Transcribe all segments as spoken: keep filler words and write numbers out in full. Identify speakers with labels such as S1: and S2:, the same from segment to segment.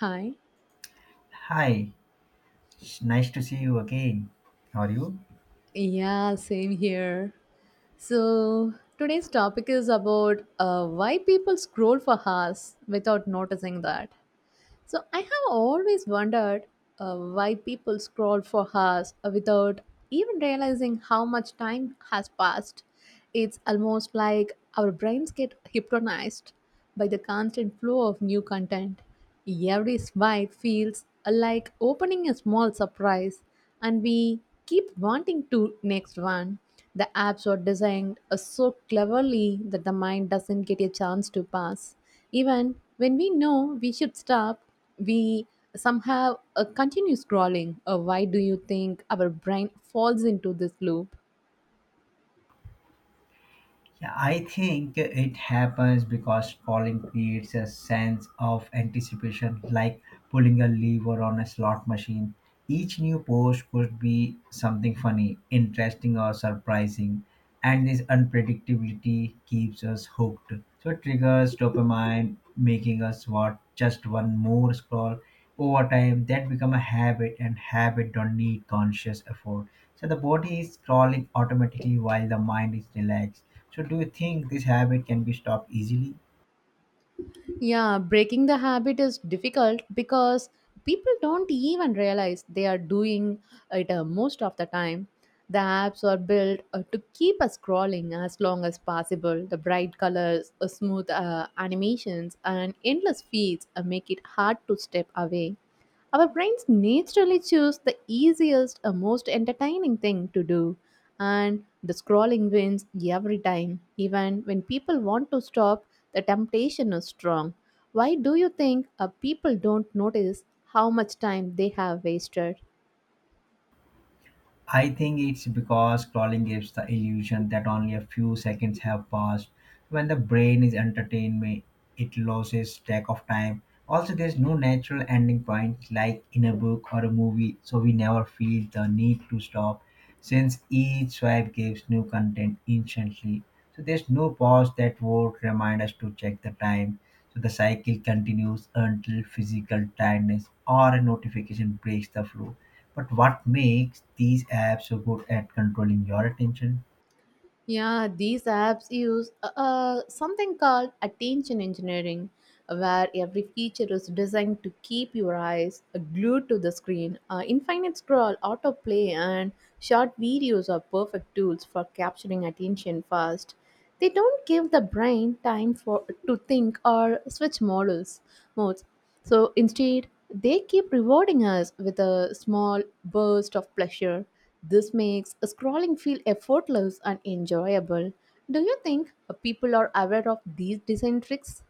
S1: Hi.
S2: Hi, it's nice to see you again. How are you?
S1: Yeah, same here. So, today's topic is about uh, why people scroll for hours without noticing that. So I have always wondered uh, why people scroll for hours without even realizing how much time has passed. It's almost like our brains get hypnotized by the constant flow of new content. Every swipe feels uh, like opening a small surprise, and we keep wanting to next one. The apps are designed uh, so cleverly that the mind doesn't get a chance to pass. Even when we know we should stop, we somehow uh, continue scrolling. Uh, why do you think our brain falls into this loop?
S2: Yeah, I think it happens because falling creates a sense of anticipation, like pulling a lever on a slot machine. Each new post could be something funny, interesting, or surprising, and this unpredictability keeps us hooked. So it triggers dopamine, making us watch just one more scroll. Over time, that become a habit, and habit don't need conscious effort. So the body is scrolling automatically while the mind is relaxed, so do you think this habit can be stopped easily?
S1: Yeah, breaking the habit is difficult because people don't even realize they are doing it uh, most of the time. The apps are built uh, to keep us scrolling as long as possible. The bright colors, uh, smooth uh, animations, and endless feeds uh, make it hard to step away. Our brains naturally choose the easiest or most entertaining thing to do, and the scrolling wins every time. Even when people want to stop, the temptation is strong. Why do you think uh, people don't notice how much time they have wasted?
S2: I think it's because scrolling gives the illusion that only a few seconds have passed. When the brain is entertained, may- it loses track of time. Also, there's no natural ending point like in a book or a movie, so we never feel the need to stop since each swipe gives new content instantly. So, there's no pause that would remind us to check the time. So, the cycle continues until physical tiredness or a notification breaks the flow, but what makes these apps so good at controlling your attention?
S1: Yeah, these apps use uh, uh, something called attention engineering, where every feature is designed to keep your eyes uh, glued to the screen. Uh, infinite scroll, autoplay, and short videos are perfect tools for capturing attention fast. They don't give the brain time for to think or switch models modes. So instead, they keep rewarding us with a small burst of pleasure. This makes scrolling feel effortless and enjoyable. Do you think uh, people are aware of these design tricks?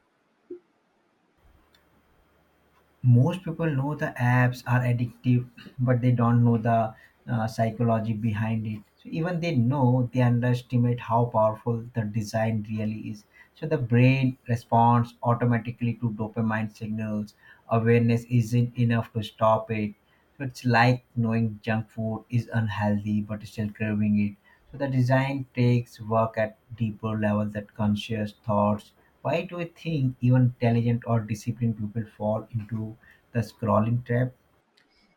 S2: Most people know the apps are addictive, but they don't know the uh, psychology behind it. So even they know they underestimate how powerful the design really is. So the brain responds automatically to dopamine signals. Awareness isn't enough to stop it. So it's like knowing junk food is unhealthy but still craving it. So the design takes work at deeper level that conscious thoughts. Why do we think even intelligent or disciplined people fall into the scrolling trap?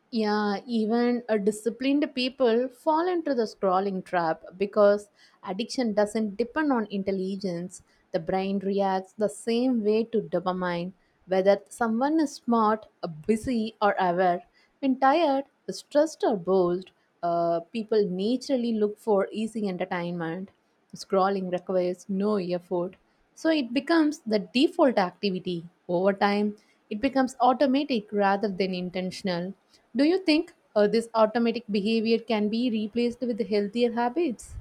S1: Yeah, even a disciplined people fall into the scrolling trap because addiction doesn't depend on intelligence. The brain reacts the same way to dopamine, whether someone is smart, uh, busy, or aware. When tired, stressed, or bored, uh, people naturally look for easy entertainment. Scrolling requires no effort, so it becomes the default activity. Over time, it becomes automatic rather than intentional. Do you think uh, this automatic behavior can be replaced with healthier habits?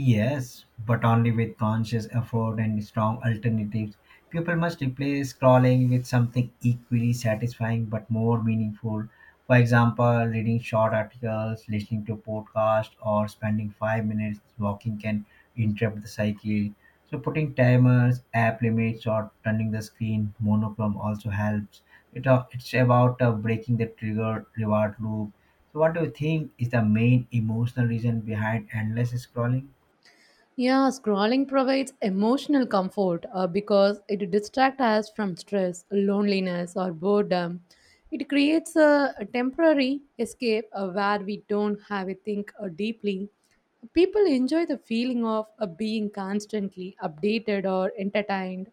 S2: Yes, but only with conscious effort and strong alternatives. People must replace scrolling with something equally satisfying but more meaningful. For example, reading short articles, listening to podcasts, or spending five minutes walking can interrupt the cycle. So, putting timers, app limits, or turning the screen monochrome also helps. It, uh, it's about uh, breaking the trigger reward loop. So, what do you think is the main emotional reason behind endless scrolling?
S1: Yeah, scrolling provides emotional comfort uh, because it distracts us from stress, loneliness, or boredom. It creates a, a temporary escape uh, where we don't have to think uh, deeply. People enjoy the feeling of uh, being constantly updated or entertained.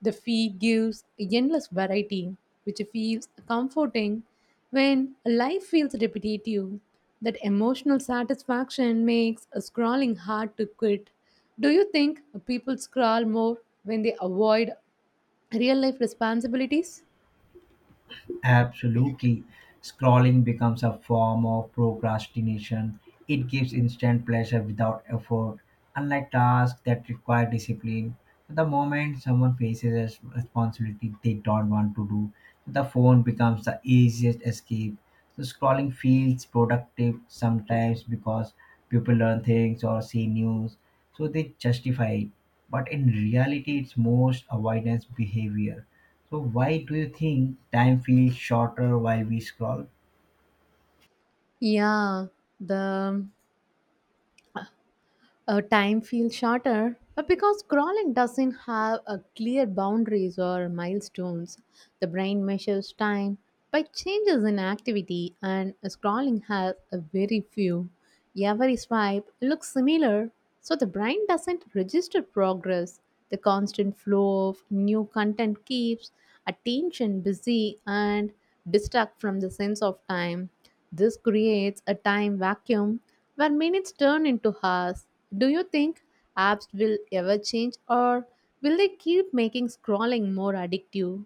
S1: The feed gives endless variety, which feels comforting when life feels repetitive. That emotional satisfaction makes scrolling hard to quit. Do you think people scroll more when they avoid real life responsibilities?
S2: Absolutely. Scrolling becomes a form of procrastination. It gives instant pleasure without effort, unlike tasks that require discipline. So, the moment someone faces a responsibility they don't want to do, so the phone becomes the easiest escape. So scrolling feels productive sometimes because people learn things or see news, so they justify it. But in reality, it's most avoidance behavior, so why do you think time feels shorter while we scroll?
S1: Yeah, the Uh, time feels shorter uh, because crawling doesn't have a clear boundaries or milestones. The brain measures time by changes in activity, and scrolling has a very few. Every swipe looks similar, so the brain doesn't register progress. The constant flow of new content keeps attention busy and distract from the sense of time. This creates a time vacuum where minutes turn into hours. Do you think apps will ever change or will they keep making scrolling more addictive?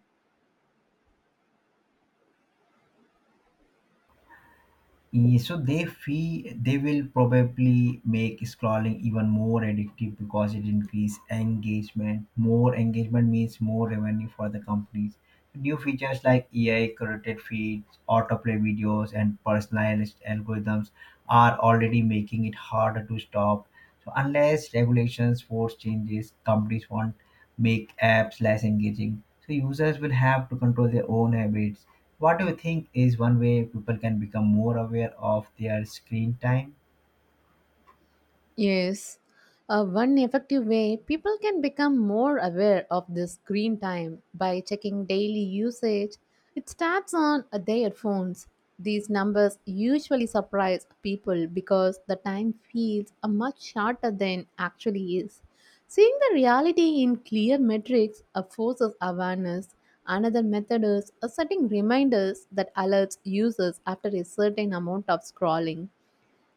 S2: Eh, So they feel they will probably make scrolling even more addictive because it increases engagement. More engagement means more revenue for the companies. New features like A I curated feeds, autoplay videos, and personalized algorithms are already making it harder to stop. So unless regulations force changes, companies won't make apps less engaging. So users will have to control their own habits. What do you think is one way people can become more aware of their screen time?
S1: Yes, uh, one effective way people can become more aware of the screen time by checking daily usage. It starts on uh, their phones. These numbers usually surprise people because the time feels uh, much shorter than actually is. Seeing the reality in clear metrics uh, forces awareness. Another method is uh, setting reminders that alerts users after a certain amount of scrolling.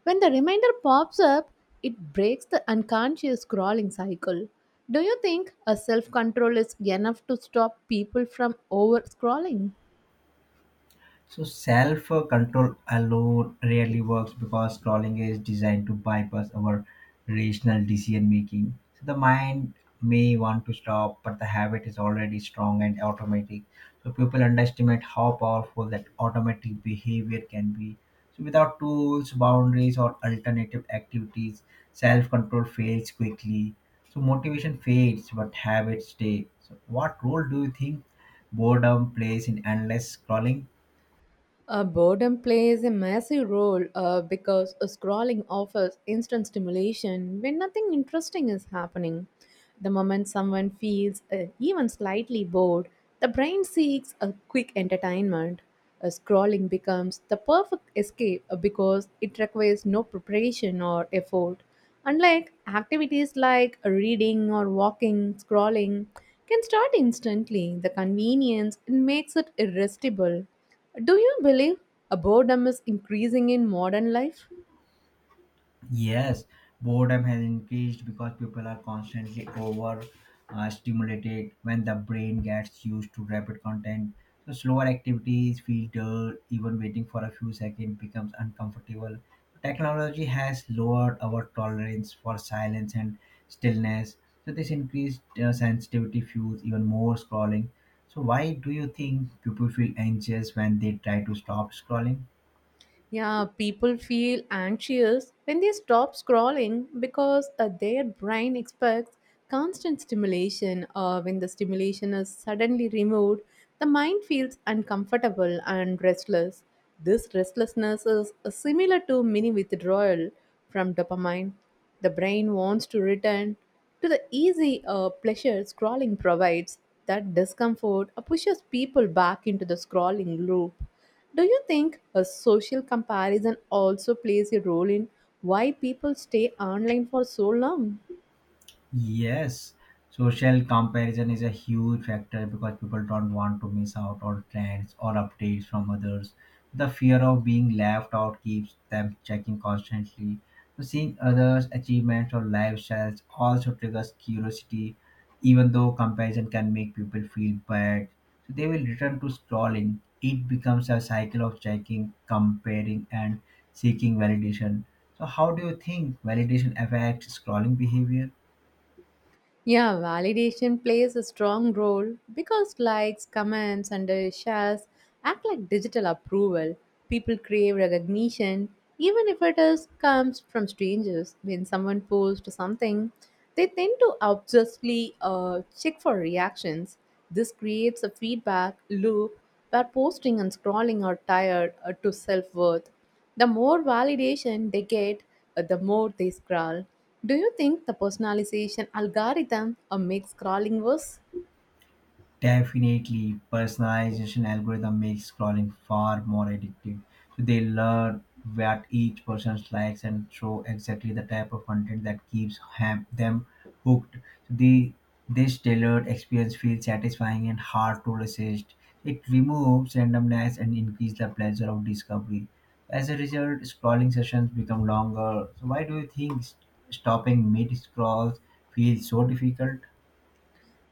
S1: When the reminder pops up, it breaks the unconscious scrolling cycle. Do you think a self control is enough to stop people from over scrolling?
S2: So self uh, control alone rarely works because scrolling is designed to bypass our rational decision making. So the mind may want to stop, but the habit is already strong and automatic. So people underestimate how powerful that automatic behavior can be. So without tools, boundaries, or alternative activities, self control fails quickly. So motivation fades, but habits stay. So what role do you think boredom plays in endless scrolling?
S1: Uh, boredom plays a massive role uh, because uh, scrolling offers instant stimulation when nothing interesting is happening. The moment someone feels uh, even slightly bored, the brain seeks a quick entertainment. Uh, scrolling becomes the perfect escape uh, because it requires no preparation or effort. Unlike activities like reading or walking, scrolling can start instantly. The convenience makes it irresistible. Do you believe a boredom is increasing in modern life?
S2: Yes, boredom has increased because people are constantly over uh, stimulated when the brain gets used to rapid content. So slower activities feel dull, even waiting for a few seconds becomes uncomfortable. Technology has lowered our tolerance for silence and stillness. So this increased uh, sensitivity fuels even more scrolling. So why do you think people feel anxious when they try to stop scrolling?
S1: Yeah, people feel anxious when they stop scrolling because uh, their brain expects constant stimulation. Uh, when the stimulation is suddenly removed, the mind feels uncomfortable and restless. This restlessness is uh, similar to mini withdrawal from dopamine. The brain wants to return to the easy uh, pleasure scrolling provides. That discomfort uh, pushes people back into the scrolling loop. Do you think a social comparison also plays a role in why people stay online for so long?
S2: Yes, social comparison is a huge factor because people don't want to miss out on trends or updates from others. The fear of being left out keeps them checking constantly. So seeing others' achievements or lifestyles also triggers curiosity, even though comparison can make people feel bad. So they will return to scrolling. It becomes a cycle of checking, comparing, and seeking validation. So, how do you think validation affects scrolling behavior?
S1: Yeah, validation plays a strong role because likes, comments, and uh, shares act like digital approval. People crave recognition, even if it is comes from strangers. When someone posts something, they tend to obsessively uh, check for reactions. This creates a feedback loop where posting and scrolling are tied uh, to self-worth. The more validation they get, uh, the more they scroll. Do you think the personalization algorithm uh, makes scrolling worse?
S2: Definitely, personalization algorithm makes scrolling far more addictive. So they learn what each person likes and show exactly the type of content that keeps ham- them hooked. So the this tailored experience feels satisfying and hard to resist. It removes randomness and increases the pleasure of discovery. As a result, scrolling sessions become longer. So why do you think s- stopping mid scrolls feels so difficult?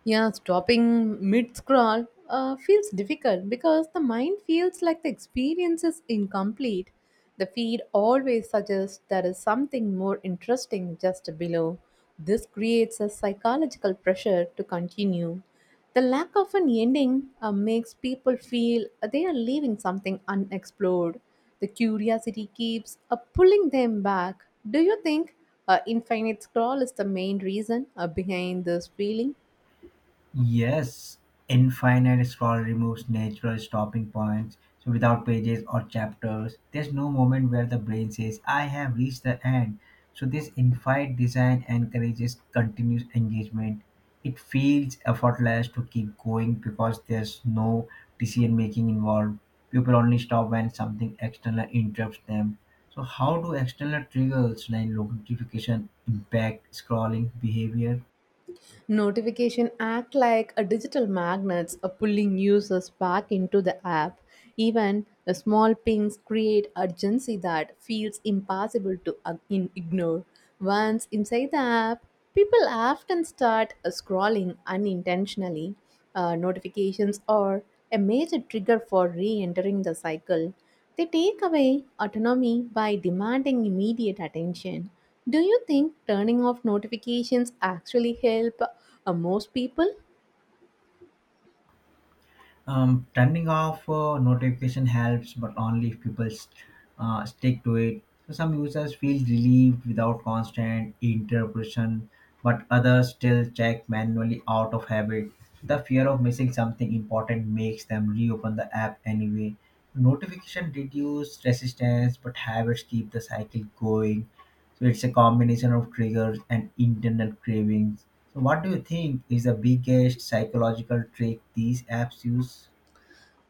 S1: Yeah, stopping mid scroll uh, feels difficult because the mind feels like the experience is incomplete. The feed always suggests there is something more interesting just below. This creates a psychological pressure to continue. The lack of an ending uh, makes people feel they are leaving something unexplored. The curiosity keeps uh, pulling them back. Do you think uh, infinite scroll is the main reason uh, behind this feeling?
S2: Yes, infinite scroll removes natural stopping points. So without pages or chapters, there's no moment where the brain says, "I have reached the end." So this infinite design encourages continuous engagement. It feels effortless to keep going because there's no decision making involved. People only stop when something external interrupts them. So how do external triggers like notification impact scrolling behavior?
S1: Notification act like a digital magnets are pulling users back into the app. Even the small pings create urgency that feels impossible to ag- in- ignore. Once inside the app, people often start uh, scrolling unintentionally. Uh, notifications are a major trigger for re entering the cycle. They take away autonomy by demanding immediate attention. Do you think turning off notifications actually help uh, most people?
S2: Um, turning off uh, notification helps, but only if people uh, stick to it. So some users feel relieved without constant interruption, but others still check manually out of habit. The fear of missing something important makes them reopen the app anyway. Notification reduce resistance, but habits keep the cycle going. So it's a combination of triggers and internal cravings. So what do you think is the biggest psychological trick these apps use?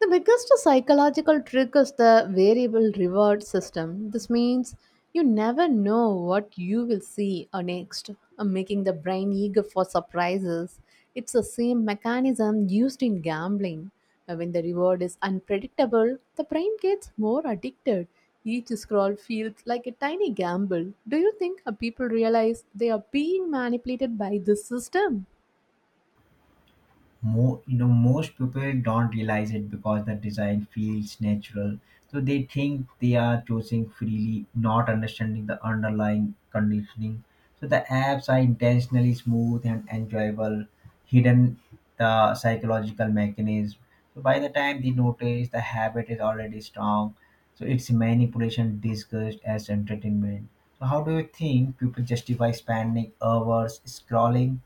S1: The biggest psychological trick is the variable reward system. This means you never know what you will see or next, uh, making the brain eager for surprises. It's the same mechanism used in gambling. Uh, When the reward is unpredictable, the brain gets more addicted. Each scroll feels like a tiny gamble. Do you think uh, people realize they are being manipulated by this system?
S2: More you know, most people don't realize it because the design feels natural, so they think they are choosing freely, not understanding the underlying conditioning. So the apps are intentionally smooth and enjoyable, hidden the psychological mechanism. So by the time they notice, the habit is already strong. So it's manipulation disguised as entertainment. So how do you think people justify spending hours scrolling?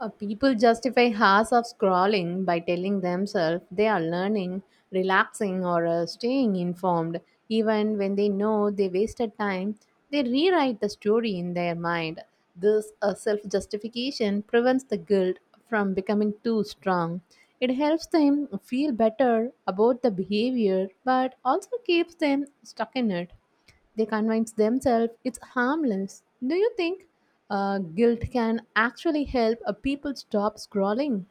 S1: Uh, people justify hours of scrolling by telling themselves they are learning, relaxing, or uh, staying informed. Even when they know they wasted time, they rewrite the story in their mind. This uh, self justification prevents the guilt from becoming too strong. It helps them feel better about the behavior but also keeps them stuck in it. They convince themselves it's harmless. Do you think uh, guilt can actually help a people stop scrolling?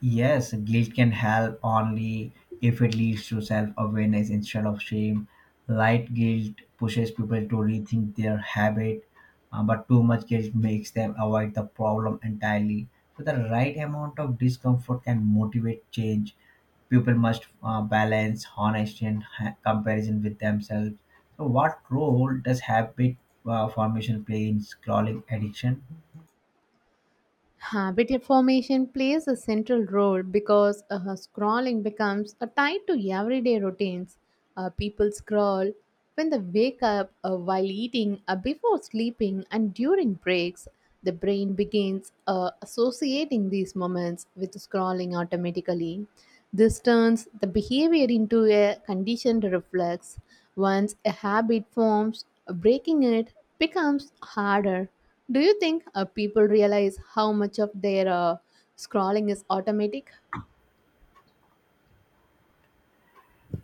S2: Yes, guilt can help only if it leads to self awareness instead of shame. Light guilt pushes people to rethink their habit, uh, but too much guilt makes them avoid the problem entirely. So, the right amount of discomfort can motivate change. People must uh, balance honesty and ha- comparison with themselves. So, what role does habit uh, formation play in scrolling addiction?
S1: Habit formation plays a central role because uh, scrolling becomes a tied to everyday routines. Uh, people scroll when they wake up, uh, while eating, uh, before sleeping, and during breaks. The brain begins uh, associating these moments with scrolling automatically. This turns the behavior into a conditioned reflex. Once a habit forms, breaking it becomes harder. Do you think uh, people realize how much of their uh, scrolling is automatic?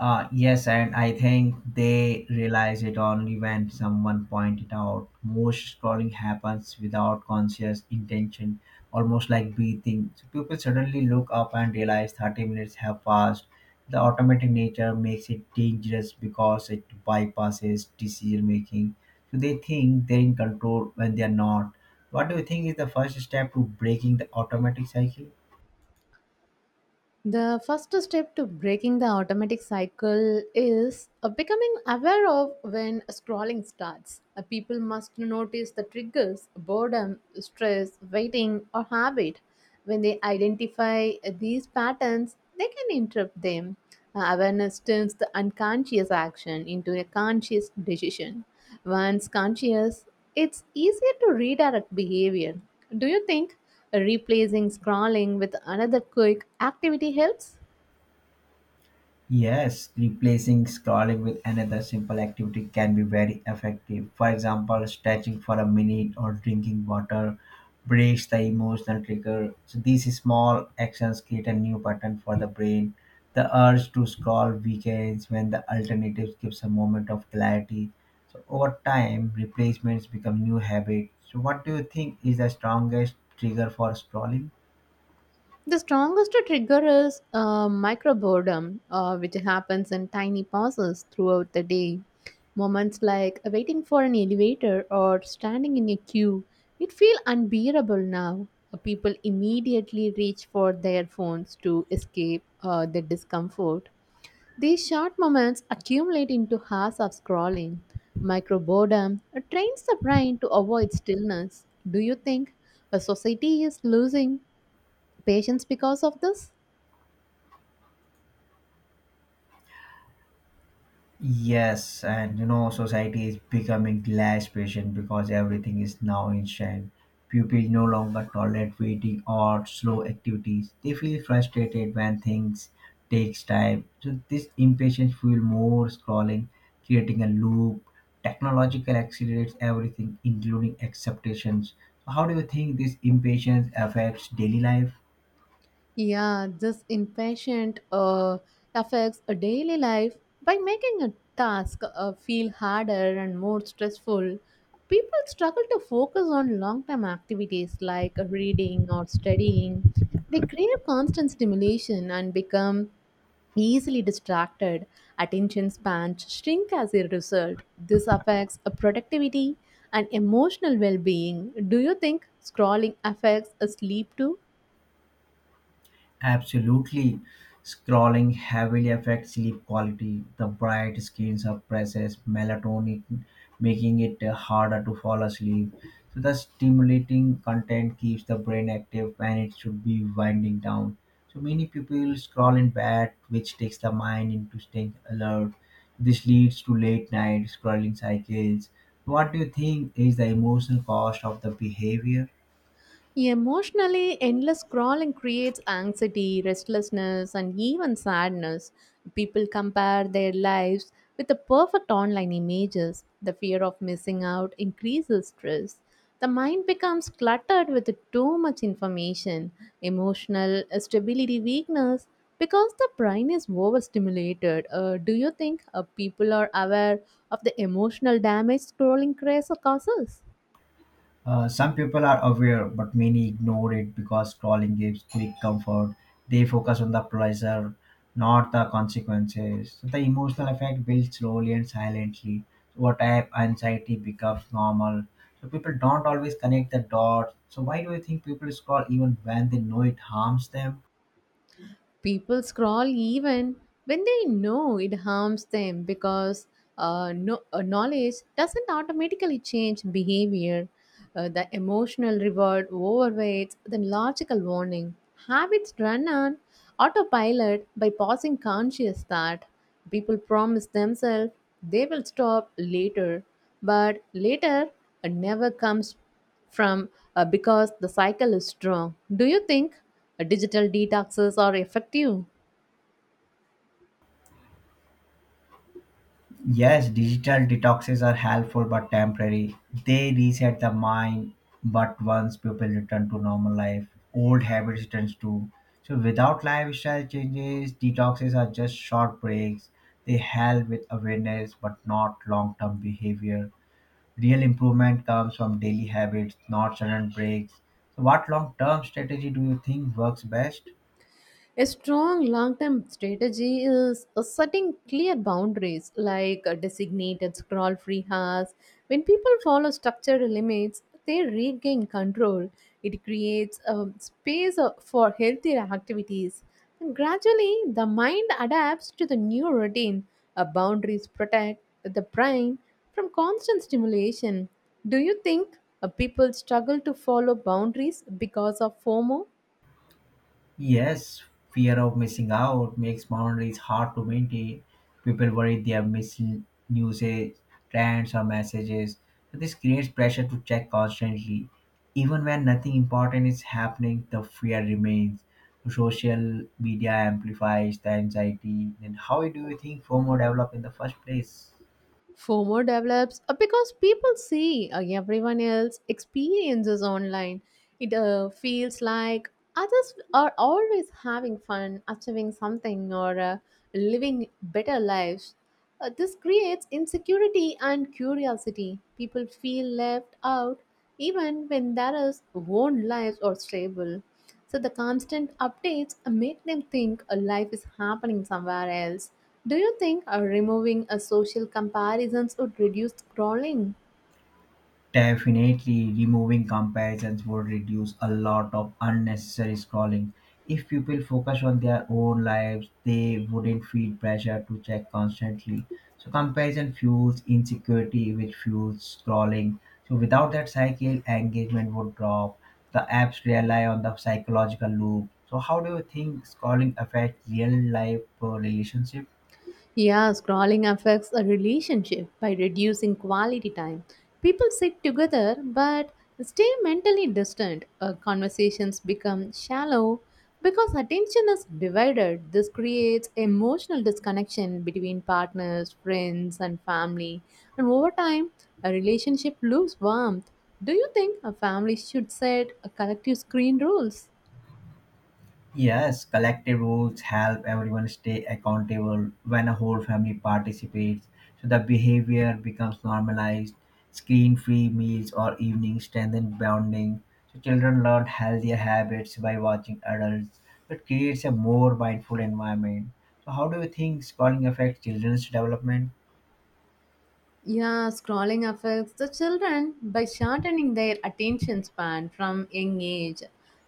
S2: Uh, yes, and I think they realize it only when someone point it out. Most scrolling happens without conscious intention, almost like breathing. So people suddenly look up and realize thirty minutes have passed. The automatic nature makes it dangerous because it bypasses decision making. So they think they're in control when they're not. What do you think is the first step to breaking the automatic cycle?
S1: The first step to breaking the automatic cycle is uh, becoming aware of when scrolling starts. Uh, people must notice the triggers, boredom, stress, waiting, or habit. When they identify uh, these patterns, they can interrupt them. Uh, awareness turns the unconscious action into a conscious decision. Once conscious, it's easier to redirect behavior. Do you think? Replacing scrolling with another quick activity helps.
S2: Yes, replacing scrolling with another simple activity can be very effective. For example, stretching for a minute or drinking water breaks the emotional trigger. So these small actions create a new pattern for the brain. The urge to scroll weakens when the alternative gives a moment of clarity. So over time, replacements become new habits. So what do you think is the strongest trigger for scrolling?
S1: The strongest trigger is uh, micro boredom, uh, which happens in tiny pauses throughout the day. Moments like waiting for an elevator or standing in a queue, it feels unbearable now. Uh, People immediately reach for their phones to escape uh, the discomfort. These short moments accumulate into hours of scrolling. Micro boredom trains the brain to avoid stillness. Do you think a society is losing patience because of this?
S2: Yes, and you know, society is becoming less patient because everything is now instant. People no longer tolerate waiting or slow activities. They feel frustrated when things takes time. So this impatience fuel more scrolling, creating a loop. Technological accelerates everything, including acceptations. So how do you think this impatience affects daily life?
S1: Yeah, this impatient uh, affects a daily life by making a task uh, feel harder and more stressful. People struggle to focus on long term activities like reading or studying. They crave constant stimulation and become easily distracted. Attention spans shrink as a result. This affects a productivity and emotional well being. Do you think scrolling affects a sleep too?
S2: Absolutely. Scrolling heavily affects sleep quality. The bright screens suppresses melatonin, making it uh, harder to fall asleep. So the stimulating content keeps the brain active when it should be winding down. So many people scroll in bed, which takes the mind into staying alert. This leads to late night scrolling cycles. What do you think is the emotional cost of the behavior?
S1: Emotionally, endless scrolling creates anxiety, restlessness, and even sadness. People compare their lives with the perfect online images. The fear of missing out increases stress. The mind becomes cluttered with too much information, emotional stability weakness, because the brain is overstimulated. Uh, do you think uh, people are aware of the emotional damage scrolling craze causes?
S2: Uh, some people are aware, but many ignore it because scrolling gives quick comfort. They focus on the pleasure, not the consequences. So the emotional effect builds slowly and silently. Over time, anxiety becomes normal. So people don't always connect the dots. So why do you think people scroll even when they know it harms them?
S1: People scroll even when they know it harms them because uh, no, uh, knowledge doesn't automatically change behavior. Uh, the emotional reward overweights the logical warning. Habits run on autopilot by pausing conscious thought. People promise themselves they will stop later, but later uh, never comes from uh, because the cycle is strong. Do you think uh, digital detoxes are effective?
S2: Yes, digital detoxes are helpful but temporary. They reset the mind, but once people return to normal life, old habits returns too. So without lifestyle changes, detoxes are just short breaks. They help with awareness but not long-term behavior. Real improvement comes from daily habits, not sudden breaks. So what long-term strategy do you think works best?
S1: A strong long term strategy is uh, setting clear boundaries like uh, designated scroll free hours. When people follow structured limits, they regain control. It creates a space uh, for healthier activities. And gradually, the mind adapts to the new routine. Uh, boundaries protect the brain from constant stimulation. Do you think uh, people struggle to follow boundaries because of FOMO?
S2: Yes, fear of missing out makes boundaries hard to maintain. People worry they are missing usage, trends, or messages. So this creates pressure to check constantly. Even when nothing important is happening, the fear remains. Social media amplifies the anxiety. Then, how do you think FOMO developed in the first place?
S1: FOMO develops uh, because people see uh, everyone else experiences online. It uh, feels like others are always having fun, achieving something, or uh, living better lives. Uh, this creates insecurity and curiosity. People feel left out even when there is own lives are stable. So the constant updates make them think a life is happening somewhere else. Do you think uh, removing a social comparisons would reduce scrolling?
S2: Definitely, removing comparisons would reduce a lot of unnecessary scrolling. If people focus on their own lives, they wouldn't feel pressure to check constantly. So, comparison fuels insecurity, which fuels scrolling. So, without that cycle, engagement would drop. The apps rely on the psychological loop. So, how do you think scrolling affects real life uh, relationships?
S1: Yeah, scrolling affects a relationship by reducing quality time. People sit together but stay mentally distant. Uh, conversations become shallow because attention is divided. This creates emotional disconnection between partners, friends, and family. And over time, a relationship loses warmth. Do you think a family should set a collective screen rules?
S2: Yes, collective rules help everyone stay accountable when a whole family participates. So the behavior becomes normalized. Screen free meals or evenings strengthen bonding. So children learn healthier habits by watching adults. So it creates a more mindful environment. So, how do you think schooling affects children's development?
S1: Yeah, scrolling affects the children by shortening their attention span from young age.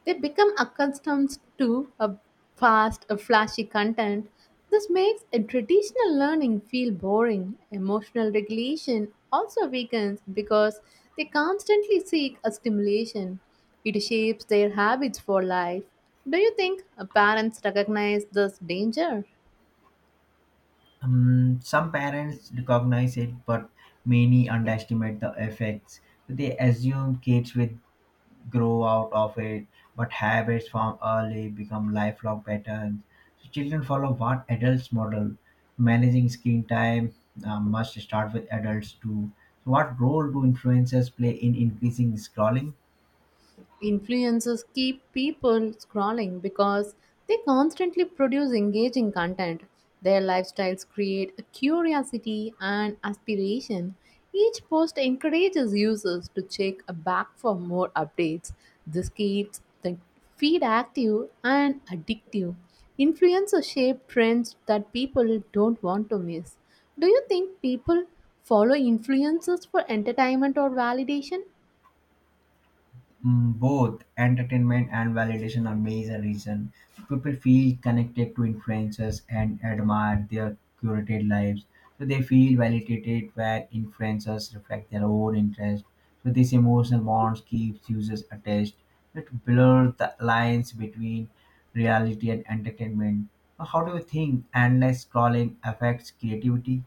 S1: They become accustomed to a fast, a flashy content. This makes a traditional learning feel boring. Emotional regulation also weakens because they constantly seek a stimulation. It shapes their habits for life. Do you think uh, parents recognize this danger?
S2: Um, some parents recognize it, but many underestimate the effects. They assume kids with grow out of it, but habits form early become lifelong patterns. So children follow what adults model. Managing screen time uh, must start with adults too. So what role do influencers play in increasing scrolling?
S1: Influencers keep people scrolling because they constantly produce engaging content. Their lifestyles create a curiosity and aspiration. Each post encourages users to check back for more updates. This keeps the feed active and addictive. Influencers shape trends that people don't want to miss. Do you think people follow influencers for entertainment or validation?
S2: Mm, both entertainment and validation are major reason people feel connected to influencers and admire their curated lives, so they feel validated when influencers reflect their own interest. So this emotional bonds keeps users attached. It blurs the lines between reality and entertainment. So how do you think endless scrolling affects creativity?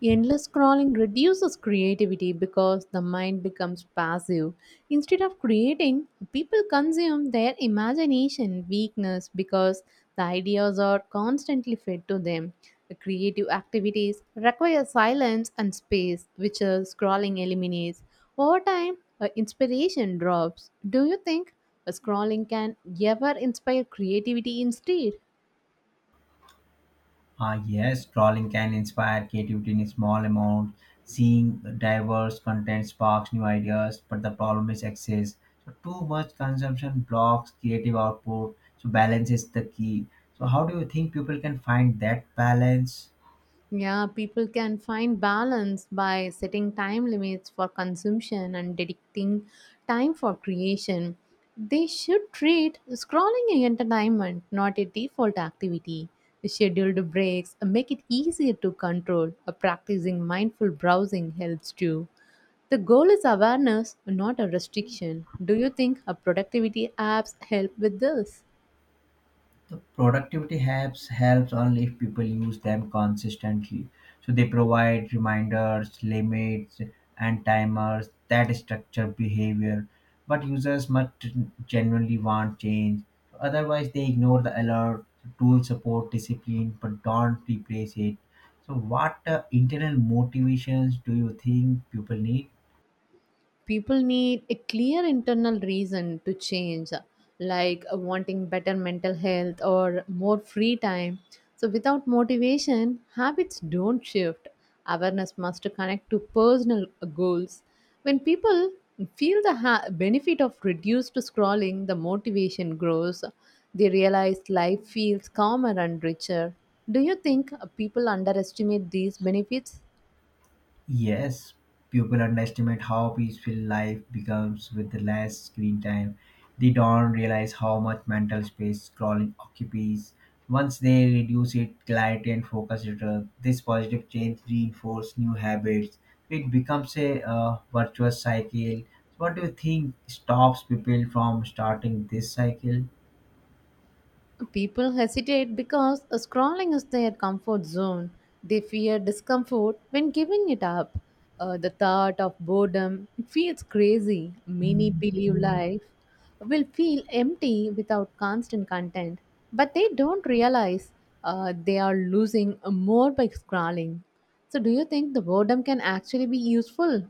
S1: Endless scrolling reduces creativity because the mind becomes passive. Instead of creating, people consume their imagination weakness because the ideas are constantly fed to them. The creative activities require silence and space, which uh, scrolling eliminates. Over time, uh, inspiration drops. Do you think uh, scrolling can ever inspire creativity instead?
S2: Ah, yes, drawing can inspire creativity in small amounts. Seeing diverse content sparks new ideas, but the problem is excess. So too much consumption blocks creative output. So balance is the key. So how do you think people can find that balance?
S1: Yeah, people can find balance by setting time limits for consumption and dedicating time for creation. They should treat scrolling as entertainment, not a default activity. Scheduled breaks make it easier to control. Uh, Practicing mindful browsing helps too. The goal is awareness, not a restriction. Do you think a productivity apps help with this?
S2: The productivity apps helps only if people use them consistently, so they provide reminders, limits, and timers that structure behavior, but users must genuinely want change, otherwise they ignore the alert. Tools support discipline but don't replace it. So what uh, internal motivations do you think people need?
S1: People need a clear internal reason to change, uh, like uh, wanting better mental health or more free time. So without motivation habits don't shift. Awareness must connect to personal uh, goals. When people feel the ha- benefit of reduced scrolling, the motivation grows. They realize life feels calmer and richer. Do you think uh, people underestimate these benefits?
S2: Yes, people underestimate how peaceful life becomes with less screen time. They don't realize how much mental space scrolling occupies. Once they reduce it, clarity and focus return. This positive change reinforces new habits. It becomes a uh, virtuous cycle. So what do you think stops people from starting this cycle?
S1: People hesitate because scrolling is their comfort zone. They fear discomfort when giving it up. Uh, the thought of boredom feels crazy. Many believe life will feel empty without constant content, but they don't realize uh, they are losing more by scrolling. So, do you think the boredom can actually be useful?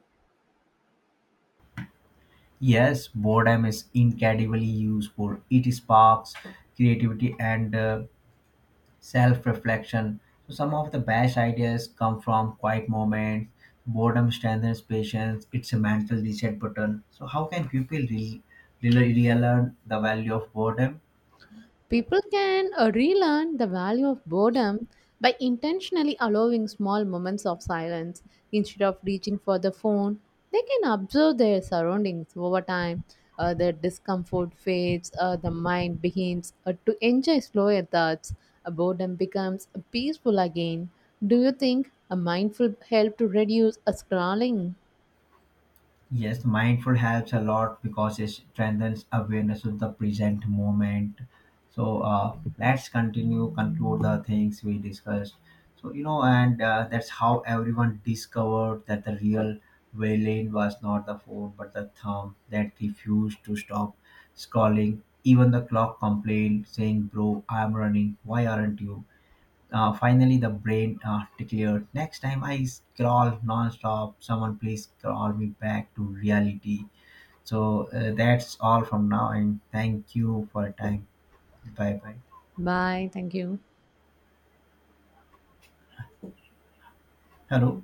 S2: Yes, boredom is incredibly useful. It sparks creativity and uh, self reflection. So, some of the best ideas come from quiet moments. Boredom strengthens patience, it's a mental reset button. So, how can people re- really relearn the value of boredom?
S1: People can uh, relearn the value of boredom by intentionally allowing small moments of silence. Instead of reaching for the phone, they can observe their surroundings over time. Uh, their discomfort fades, uh, the mind begins uh, to enjoy slower thoughts, uh, boredom becomes peaceful again. Do you think a mindful help to reduce a scrolling?
S2: Yes, mindful helps a lot because it strengthens awareness of the present moment. So uh, let's continue, conclude the things we discussed. So you know, and uh, that's how everyone discovered that the real villain was not the phone but the thumb that refused to stop scrolling. Even the clock complained, saying, "Bro, I'm running. Why aren't you?" Uh, finally, the brain uh, declared, "Next time I scroll non-stop, someone please call me back to reality." So uh, that's all from now, and thank you for your time. Bye bye.
S1: Bye. Thank you.
S2: Hello.